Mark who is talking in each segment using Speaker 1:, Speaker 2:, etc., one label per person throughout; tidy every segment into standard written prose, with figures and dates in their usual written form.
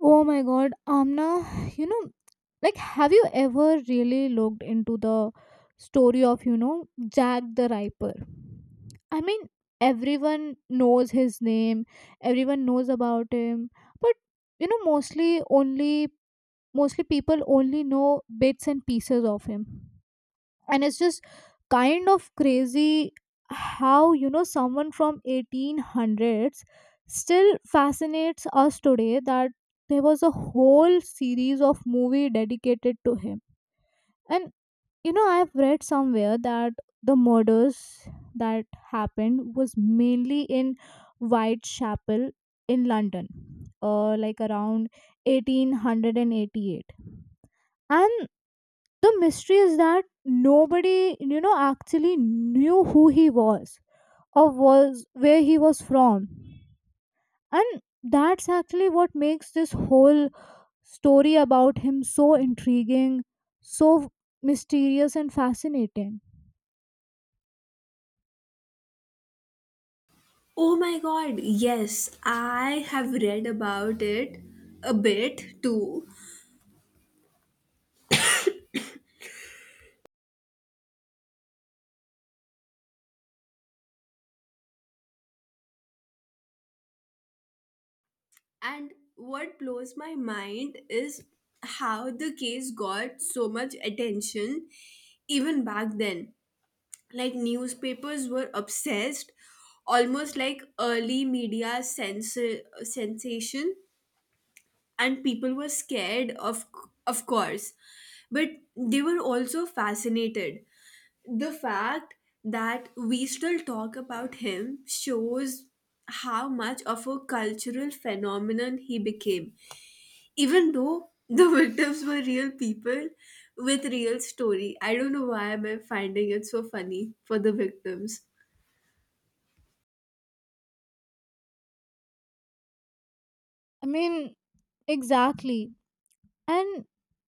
Speaker 1: Oh my god, Amna, you know, like, have you ever really looked into the story of, Jack the Ripper? I mean, everyone knows his name, everyone knows about him, but, you know, mostly only, mostly people only know bits and pieces of him, and it's just kind of crazy how someone from 1800s still fascinates us today that there was a whole series of movie dedicated to him. And I've read somewhere that the murders that happened was mainly in Whitechapel in London, like around 1888. And the mystery is that nobody actually knew who he was or was where he was from. And that's actually what makes this whole story about him so intriguing, so mysterious and fascinating.
Speaker 2: Oh my god, yes, I have read about it a bit too. And what blows my mind is how the case got so much attention even back then. Like, newspapers were obsessed, almost like early media sensation, and people were scared, of course, but they were also fascinated the fact that we still talk about him shows how much of a cultural phenomenon he became even though the victims were real people with real story. I don't know why am I finding it so funny for the victims.
Speaker 1: I mean, exactly. And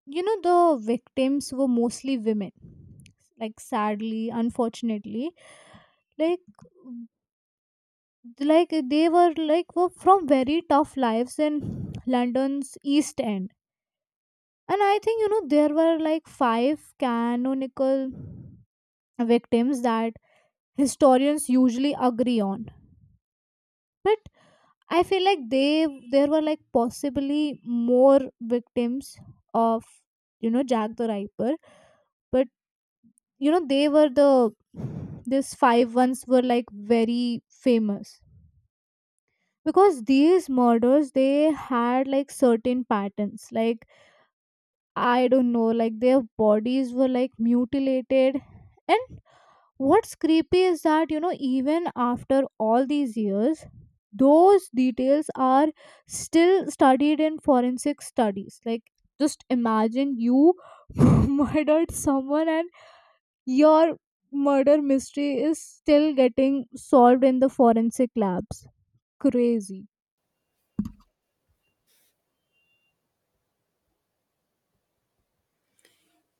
Speaker 1: the victims were mostly women, like, sadly, unfortunately, like like they were like were from very tough lives in London's East End. And I think there were like five canonical victims that historians usually agree on. But I feel like they there were like possibly more victims of Jack the Ripper. But they were the, these five ones were like very famous, because these murders they had like certain patterns. Like, I don't know, like their bodies were like mutilated. And what's creepy is that even after all these years, those details are still studied in forensic studies. Like, just imagine, you murdered someone and your murder mystery is still getting solved in the forensic labs. Crazy.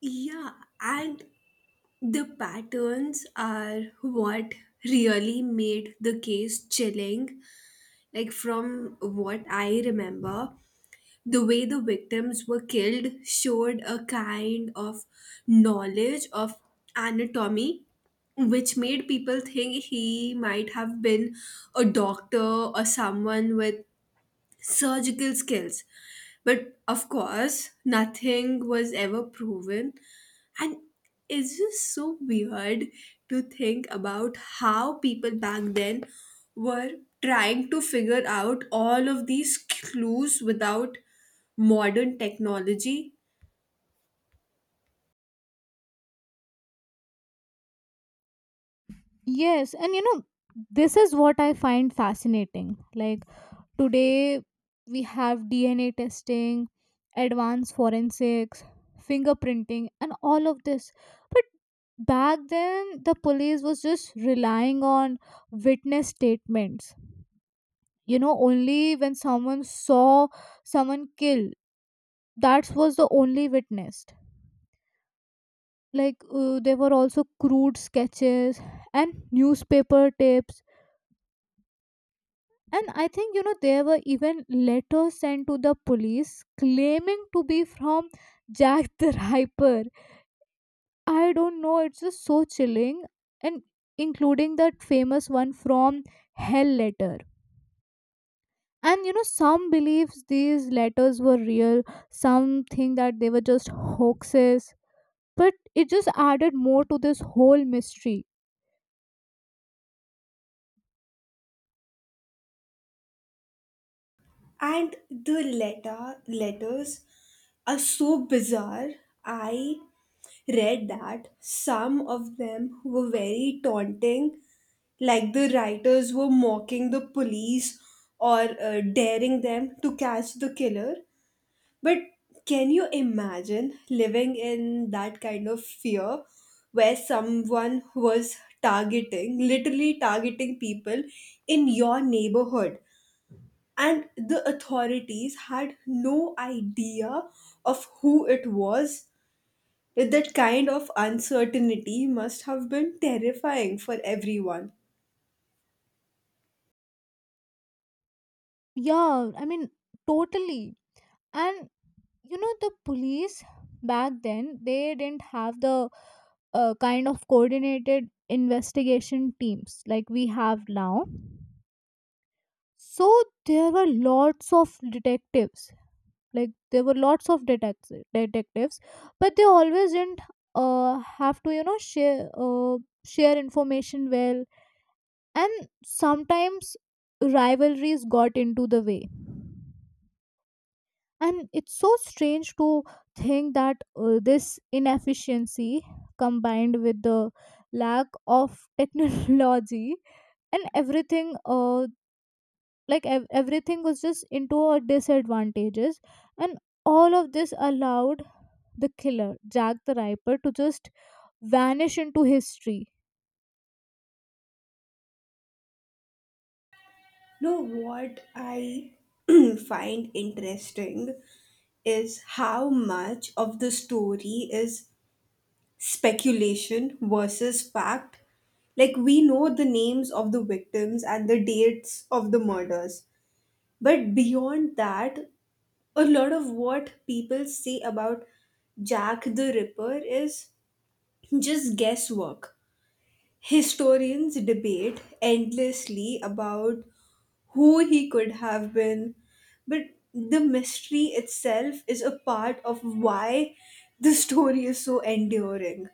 Speaker 2: Yeah, and the patterns are what really made the case chilling. Like, from what I remember, the way the victims were killed showed a kind of knowledge of anatomy, which made people think he might have been a doctor or someone with surgical skills. But of course nothing was ever proven, and it's just so weird to think about how people back then were trying to figure out all of these clues without modern technology.
Speaker 1: Yes, and this is what I find fascinating. Like today, we have DNA testing, advanced forensics, fingerprinting, and all of this. But back then, the police was just relying on witness statements. Only when someone saw someone killed, that was the only witness. Like, there were also crude sketches and newspaper tapes. And I think, there were even letters sent to the police claiming to be from Jack the Ripper. I don't know, it's just so chilling. And including that famous one from Hell Letter. And some believes these letters were real, some think that they were just hoaxes. But it just added more to this whole mystery.
Speaker 2: And the letters are so bizarre. I read that some of them were very taunting, like the writers were mocking the police or daring them to catch the killer. But can you imagine living in that kind of fear where someone was targeting, literally targeting people in your neighborhood? And the authorities had no idea of who it was. That kind of uncertainty must have been terrifying for everyone.
Speaker 1: Yeah, I mean, totally. And the police back then, they didn't have the kind of coordinated investigation teams like we have now. So there were lots of detectives. Like, there were lots of detectives, but they always didn't have to, share share information well. And sometimes rivalries got into the way. And it's so strange to think that this inefficiency combined with the lack of technology and everything, like everything was just into our disadvantages. And all of this allowed the killer Jack the Ripper to just vanish into history.
Speaker 2: No, what I find interesting is how much of the story is speculation versus fact. Like, we know the names of the victims and the dates of the murders. But beyond that, a lot of what people say about Jack the Ripper is just guesswork. Historians debate endlessly about who he could have been, but the mystery itself is a part of why the story is so enduring.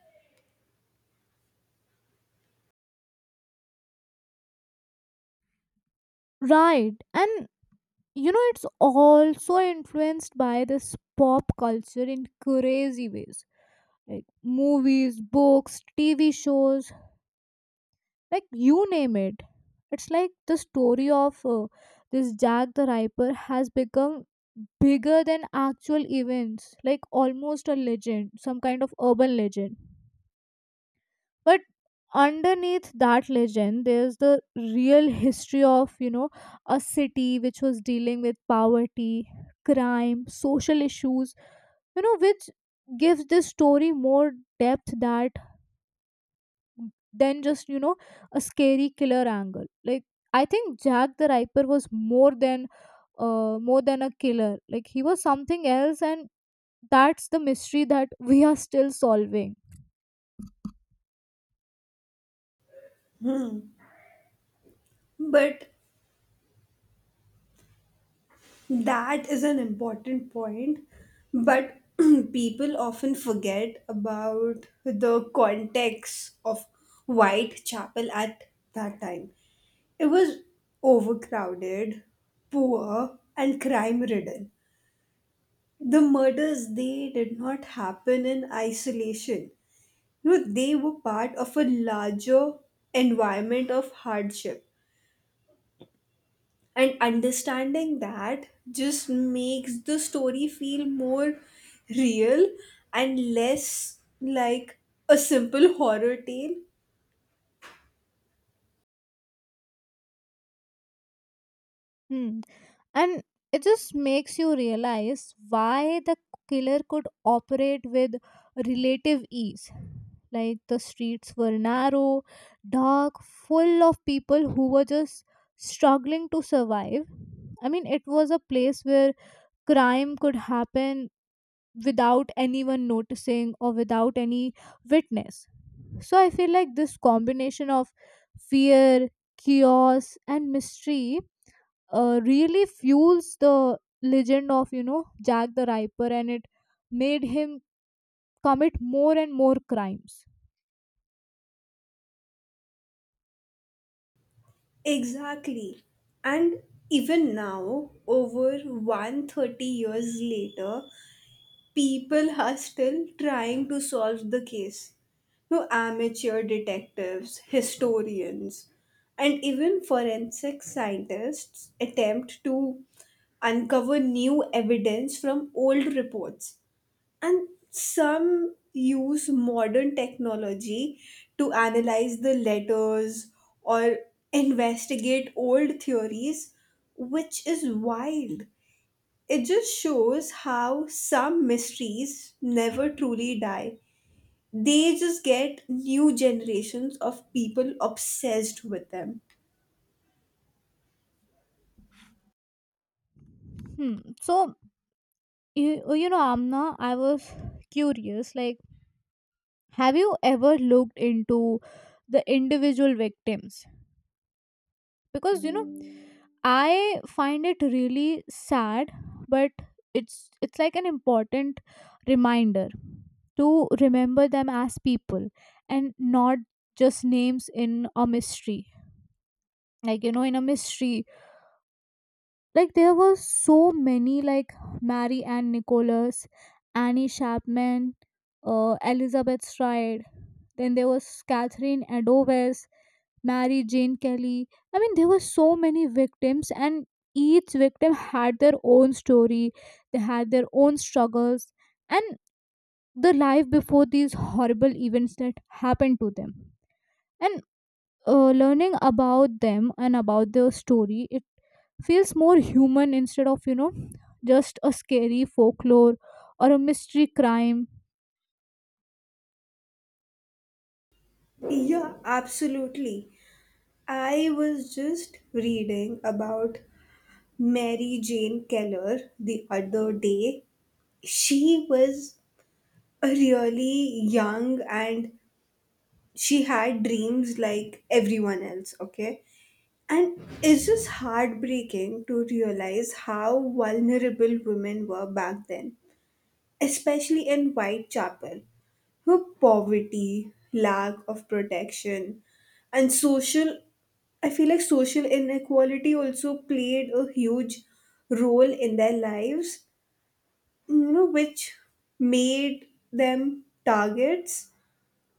Speaker 1: Right. And it's also influenced by this pop culture in crazy ways, like movies, books, TV shows, like you name it. It's like the story of this Jack the Ripper has become bigger than actual events, like almost a legend, some kind of urban legend. But underneath that legend, there's the real history of, a city which was dealing with poverty, crime, social issues, which gives this story more depth that than just a scary killer angle. Like, I think Jack the Ripper was more than a killer. Like, he was something else. And that's the mystery that we are still solving.
Speaker 2: But That is an important point, but people often forget about the context of Whitechapel at that time. It was overcrowded, poor, and crime ridden. The murders they did not happen in isolation. You know, they were part of a larger environment of hardship. And understanding that just makes the story feel more real and less like a simple horror tale.
Speaker 1: Hmm. And it just makes you realize why the killer could operate with relative ease. Like, the streets were narrow, dark, full of people who were just struggling to survive. I mean, it was a place where crime could happen without anyone noticing or without any witness. So I feel like this combination of fear, chaos, and mystery really fuels the legend of Jack the Ripper, and it made him commit more and more crimes.
Speaker 2: Exactly. And even now, over 130 years later, people are still trying to solve the case. No, amateur detectives, historians, and even forensic scientists attempt to uncover new evidence from old reports. And some use modern technology to analyze the letters or investigate old theories, which is wild. It just shows how some mysteries never truly die. They just get new generations of people obsessed with them.
Speaker 1: Hmm. So Amna, I was curious. Like, have you ever looked into the individual victims? Because I find it really sad, but it's like an important reminder to remember them as people and not just names in a mystery. Like, in a mystery, like there were so many, like Mary Ann Nicholas, Annie Chapman, Elizabeth Stride. Then there was Catherine Adowes, Mary Jane Kelly. I mean, there were so many victims, and each victim had their own story. They had their own struggles and the life before these horrible events that happened to them. And learning about them and about their story, it feels more human instead of just a scary folklore or a mystery crime.
Speaker 2: Yeah, absolutely. I was just reading about Mary Jane Keller the other day. She was really young, and she had dreams like everyone else, okay? And it's just heartbreaking to realize how vulnerable women were back then, especially in Whitechapel, where poverty, lack of protection, and social, I feel like social inequality also played a huge role in their lives, you know, which made them targets.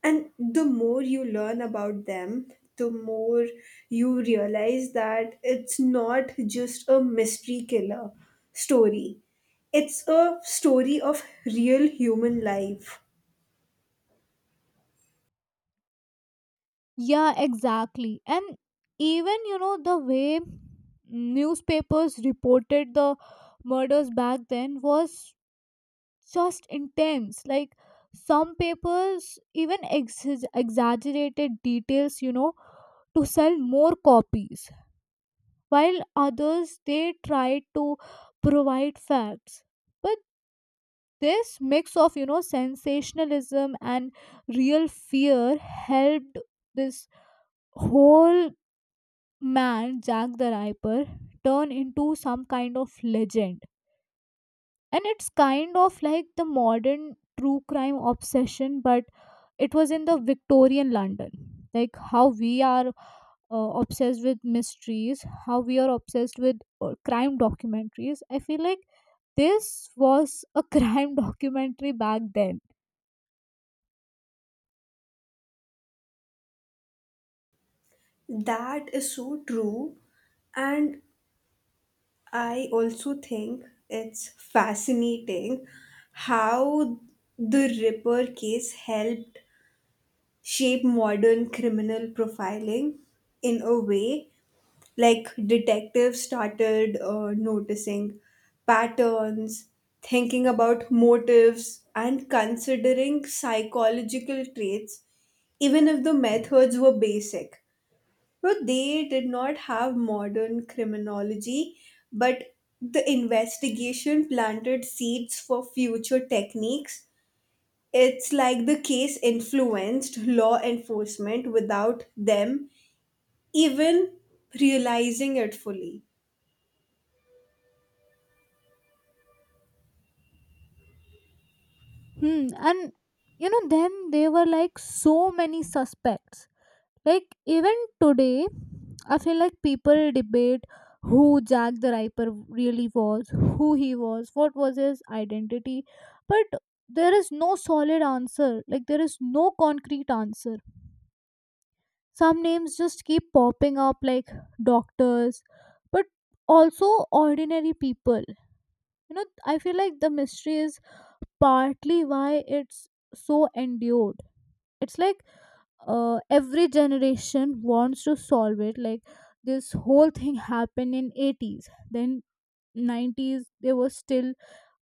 Speaker 2: And the more you learn about them, the more you realize that it's not just a mystery killer story, it's a story of real human life.
Speaker 1: Yeah, exactly. And even the way newspapers reported the murders back then was just intense. Like, some papers even exaggerated details, to sell more copies, while others they try to provide facts. But this mix of sensationalism and real fear helped this whole man Jack the Ripper turn into some kind of legend. And it's kind of like the modern true crime obsession, but it was in the Victorian London. Like, how we are obsessed with mysteries, how we are obsessed with crime documentaries. I feel like this was a crime documentary back then.
Speaker 2: That is so true. And I also think it's fascinating how the Ripper case helped shape modern criminal profiling in a way. Like, detectives started noticing patterns, thinking about motives, and considering psychological traits, even if the methods were basic. But they did not have modern criminology, but the investigation planted seeds for future techniques. It's like the case influenced law enforcement without them even realizing it fully.
Speaker 1: Hmm. And then there were like so many suspects. Like even today, I feel like people debate who Jack the Ripper really was, who he was, what was his identity. But there is no solid answer. Like, there is no concrete answer. Some names just keep popping up, like doctors, but also ordinary people. I feel like the mystery is partly why it's so endured. It's like, every generation wants to solve it. Like, this whole thing happened in 80s, then 90s they were still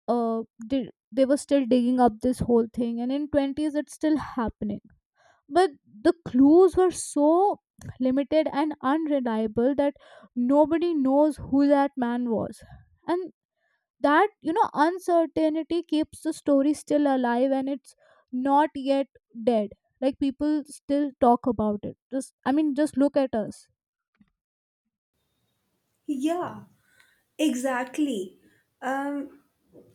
Speaker 1: they were still digging up this whole thing, and in 20s it's still happening. But the clues were so limited and unreliable that nobody knows who that man was. And that, uncertainty keeps the story still alive, and it's not yet dead. Like, people still talk about it. Just, I mean, just look at us.
Speaker 2: Yeah, exactly. Um,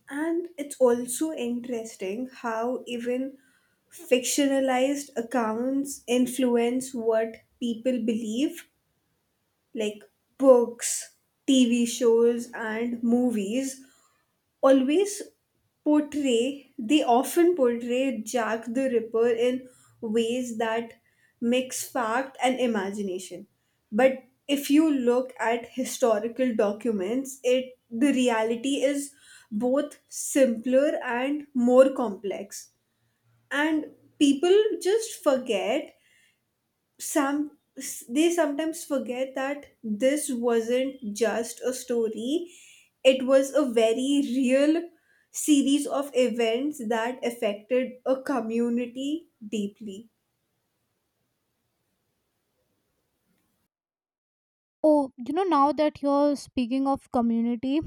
Speaker 2: and it's also interesting how even fictionalized accounts influence what people believe, like books, TV shows, and movies always portray, they often portray Jack the Ripper in ways that mix fact and imagination. But if you look at historical documents, it the reality is both simpler and more complex. And people just forget, some, they sometimes forget that this wasn't just a story, it was a very real series of events that affected a community deeply.
Speaker 1: Oh, now that you're speaking of community,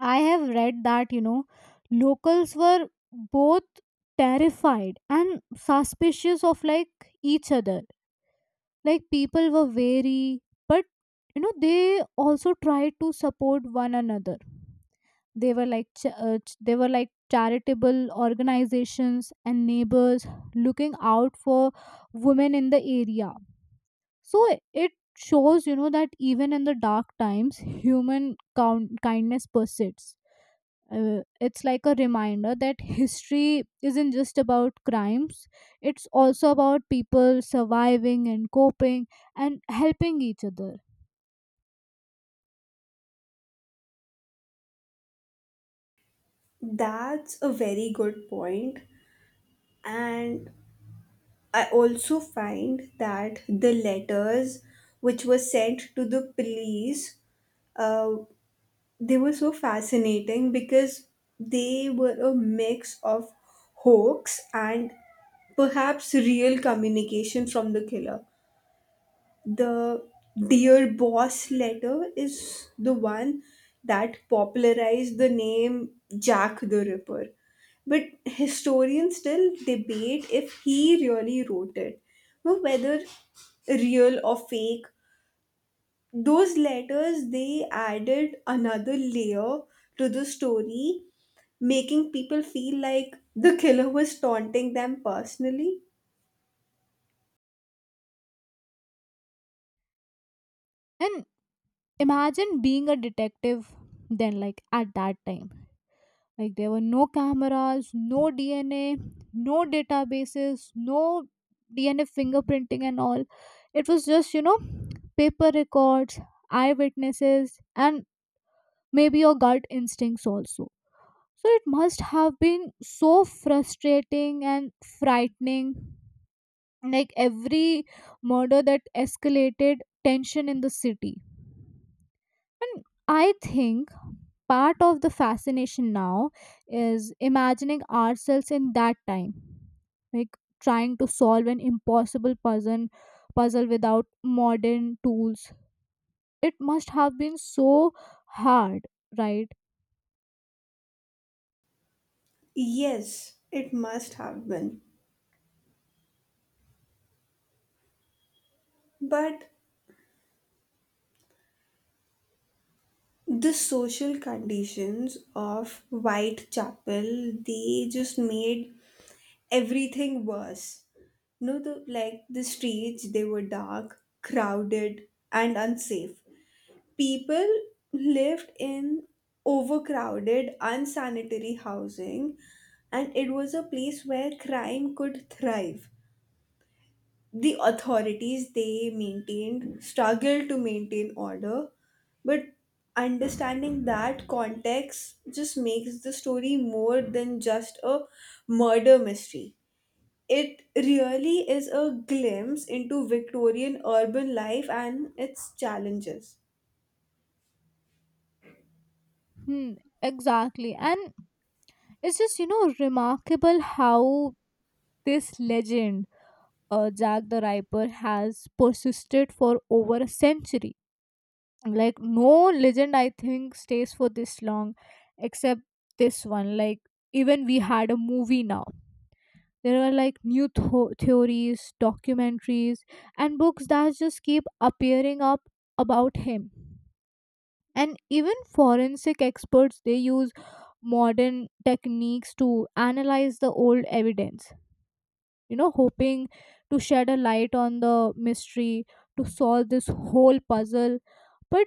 Speaker 1: I have read that, locals were both terrified and suspicious of, like, each other. Like, people were wary, but they also tried to support one another. They were like they were like charitable organizations and neighbors looking out for women in the area. So it shows that even in the dark times, human kindness persists. It's like a reminder that history isn't just about crimes, it's also about people surviving and coping and helping each other.
Speaker 2: That's a very good point. And I also find that the letters which were sent to the police, uh, they were so fascinating because they were a mix of hoax and perhaps real communication from the killer. The Dear Boss letter is the one that popularized the name Jack the Ripper. But historians still debate if he really wrote it. Now, whether real or fake, those letters they added another layer to the story, making people feel like the killer was taunting them personally.
Speaker 1: And imagine being a detective then. Like, at that time, like there were no cameras, no DNA, no databases, no DNA fingerprinting and all. It was just paper records, eyewitnesses, and maybe your gut instincts also. So it must have been so frustrating and frightening. Like, every murder that escalated tension in the city. And I think part of the fascination now is imagining ourselves in that time. Like, trying to solve an impossible puzzle without modern tools. It must have been so hard, right?
Speaker 2: Yes, it must have been. But the social conditions of Whitechapel, they just made everything worse. No, the, like the streets, they were dark, crowded, and unsafe. People lived in overcrowded, unsanitary housing, and it was a place where crime could thrive. The authorities, they maintained struggled to maintain order, but understanding that context just makes the story more than just a murder mystery. It really is a glimpse into Victorian urban life and its challenges.
Speaker 1: Hmm, exactly. And it's just, remarkable how this legend, Jack the Ripper, has persisted for over a century. Like, no legend, I think, stays for this long except this one. Like, even we had a movie now. There are like new theories, documentaries, and books that just keep appearing up about him. And even forensic experts, they use modern techniques to analyze the old evidence, hoping to shed a light on the mystery, to solve this whole puzzle. But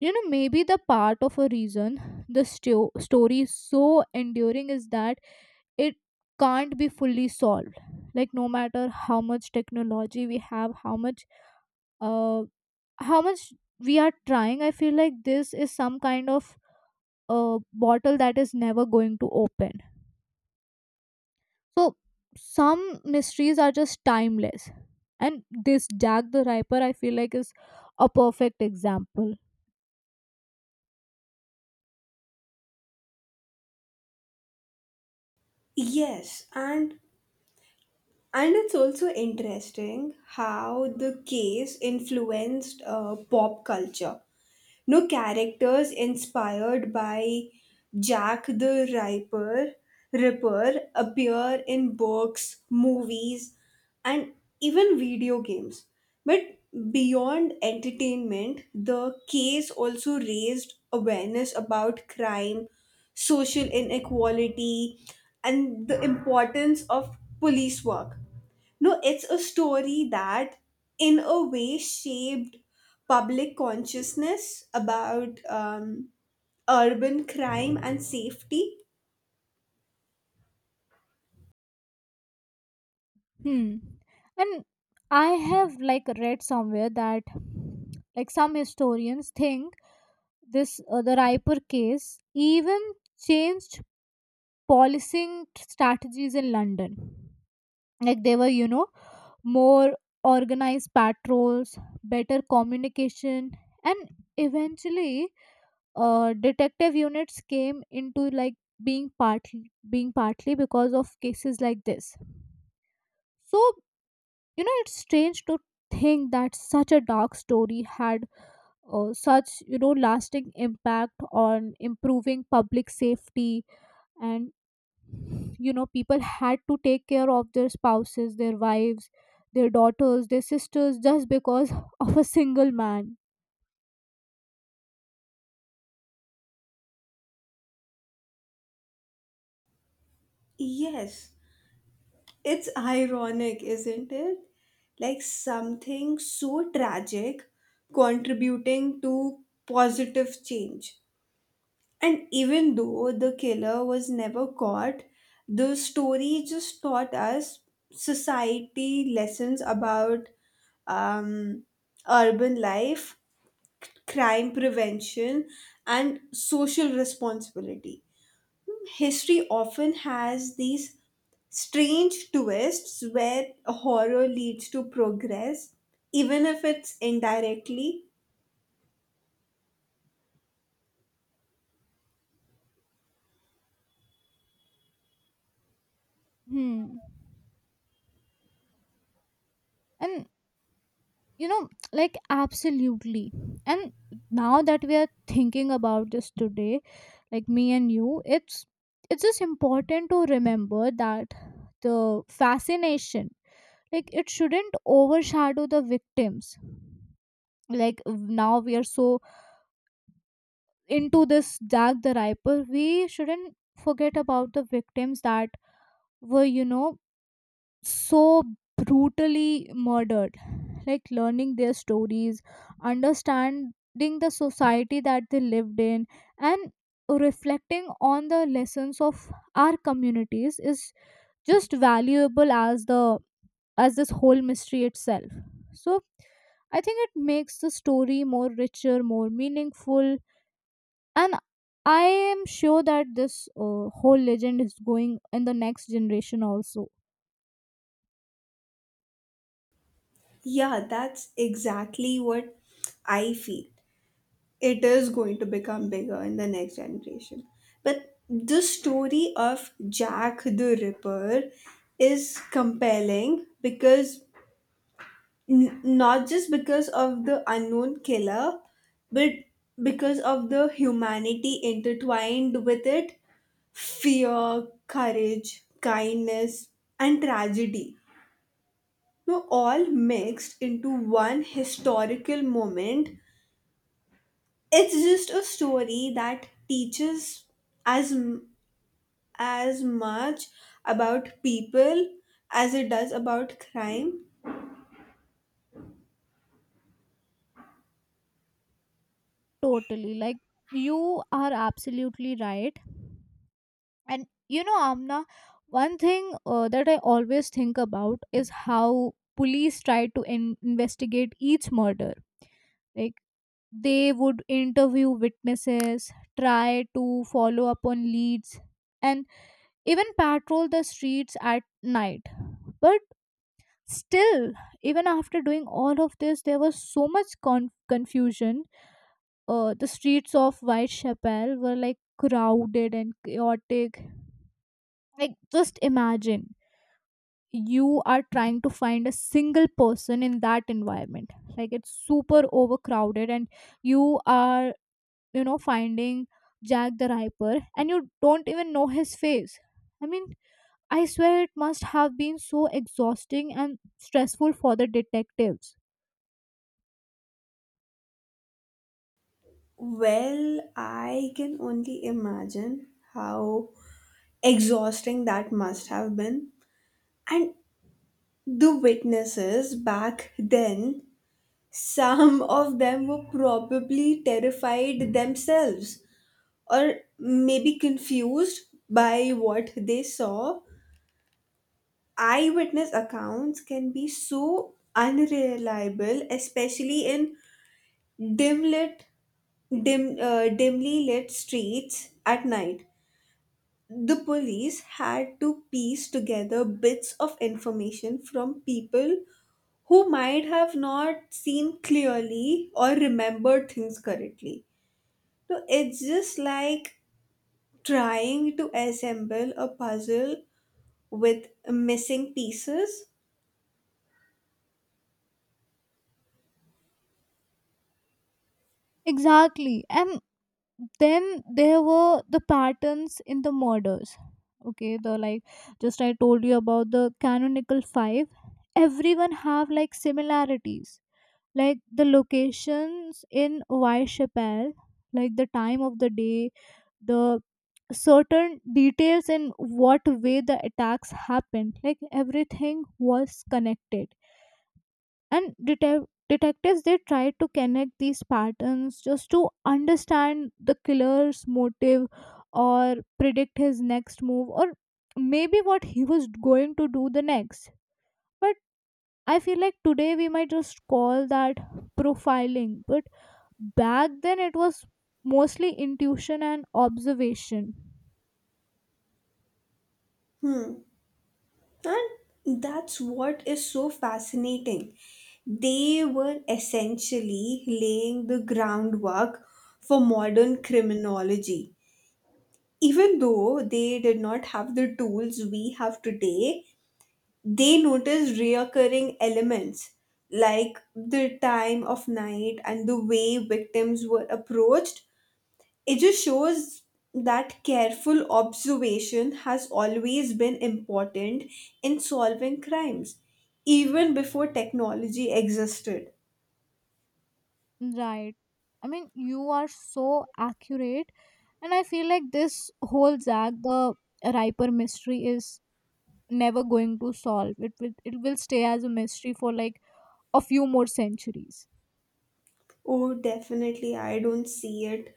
Speaker 1: maybe the part of a reason the story is so enduring is that it can't be fully solved. Like, no matter how much technology we have, uh how much we are trying, I feel like this is some kind of a bottle that is never going to open. So some mysteries are just timeless. And this Jack the Ripper I feel like is a perfect example.
Speaker 2: Yes, and it's also interesting how the case influenced pop culture. No, characters inspired by Jack the Ripper, appear in books, movies, and even video games. But beyond entertainment, the case also raised awareness about crime, social inequality, and the importance of police work. No, it's a story that, in a way, shaped public consciousness about urban crime and safety.
Speaker 1: Hmm. And I have like read somewhere that, like, some historians think this, the Riper case even changed policing strategies in London. Like they were, more organized patrols, better communication, and eventually detective units came into like being partly because of cases like this. So it's strange to think that such a dark story had such lasting impact on improving public safety. And people had to take care of their spouses, their wives, their daughters, their sisters, just because of a single man.
Speaker 2: Yes, it's ironic, isn't it? Like something so tragic contributing to positive change. And even though the killer was never caught, the story just taught us society lessons about um, urban life, crime prevention, and social responsibility. History often has these strange twists where horror leads to progress, even if it's indirectly.
Speaker 1: Hmm. And you know like, absolutely. And now that we are thinking about this today, like me and you, it's just important to remember that the fascination, like, it shouldn't overshadow the victims. Like, now we are so into this Jack the Ripper. We shouldn't forget about the victims that were, so brutally murdered. Like, learning their stories, understanding the society that they lived in, and reflecting on the lessons of our communities is just valuable as the as this whole mystery itself. So I think it makes the story more richer, more meaningful. And I am sure that this, whole legend is going in the next generation also.
Speaker 2: Yeah, that's exactly what I feel. It is going to become bigger in the next generation. But the story of Jack the Ripper is compelling because not just because of the unknown killer, but because of the humanity intertwined with it, fear, courage, kindness, and tragedy. Now, all mixed into one historical moment, it's just a story that teaches as m- as much about people as it does about crime.
Speaker 1: Totally. Like, you are absolutely right. And Amna, one thing that I always think about is how police try to investigate each murder. Like, they would interview witnesses, try to follow up on leads, and even patrol the streets at night. But still, even after doing all of this, there was so much confusion. The streets of Whitechapel were like crowded and chaotic. Like, just imagine you are trying to find a single person in that environment. Like, it's super overcrowded, and you are, finding Jack the Ripper, and you don't even know his face. I mean, I swear it must have been so exhausting and stressful for the detectives.
Speaker 2: Well, I can only imagine how exhausting that must have been. And the witnesses back then, some of them were probably terrified themselves, or maybe confused by what they saw. Eyewitness accounts can be so unreliable, especially in dim lit, dimly lit streets at night. The police had to piece together bits of information from people who might have not seen clearly or remembered things correctly. So it's just like trying to assemble a puzzle with missing pieces.
Speaker 1: Exactly. And then there were the patterns in the murders. Okay, the, like, just I told you about the canonical five. Everyone have like similarities, like the locations in Whitechapel, like the time of the day, the certain details in what way the attacks happened. Like, everything was connected. And detectives they try to connect these patterns just to understand the killer's motive, or predict his next move, or maybe what he was going to do the next. But I feel like today we might just call that profiling. But back then it was mostly intuition and observation.
Speaker 2: And that's what is so fascinating. They were essentially laying the groundwork for modern criminology. Even though they did not have the tools we have today, they noticed reoccurring elements like the time of night and the way victims were approached. It just shows that careful observation has always been important in solving crimes, even before technology existed.
Speaker 1: Right. I mean, you are so accurate. And I feel like this whole zag the Riper mystery is never going to solve. It will stay as a mystery for like a few more centuries.
Speaker 2: Oh, definitely, I don't see it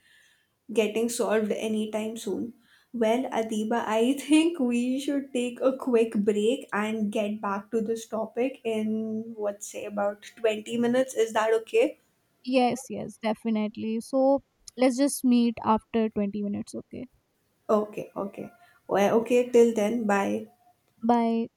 Speaker 2: getting solved anytime soon. Well, Adiba, I think we should take a quick break and get back to this topic in, what say, about 20 minutes. Is that okay?
Speaker 1: Yes, yes, definitely. So let's just meet after 20 minutes, okay?
Speaker 2: Okay, okay. Well, okay, till then, bye.
Speaker 1: Bye.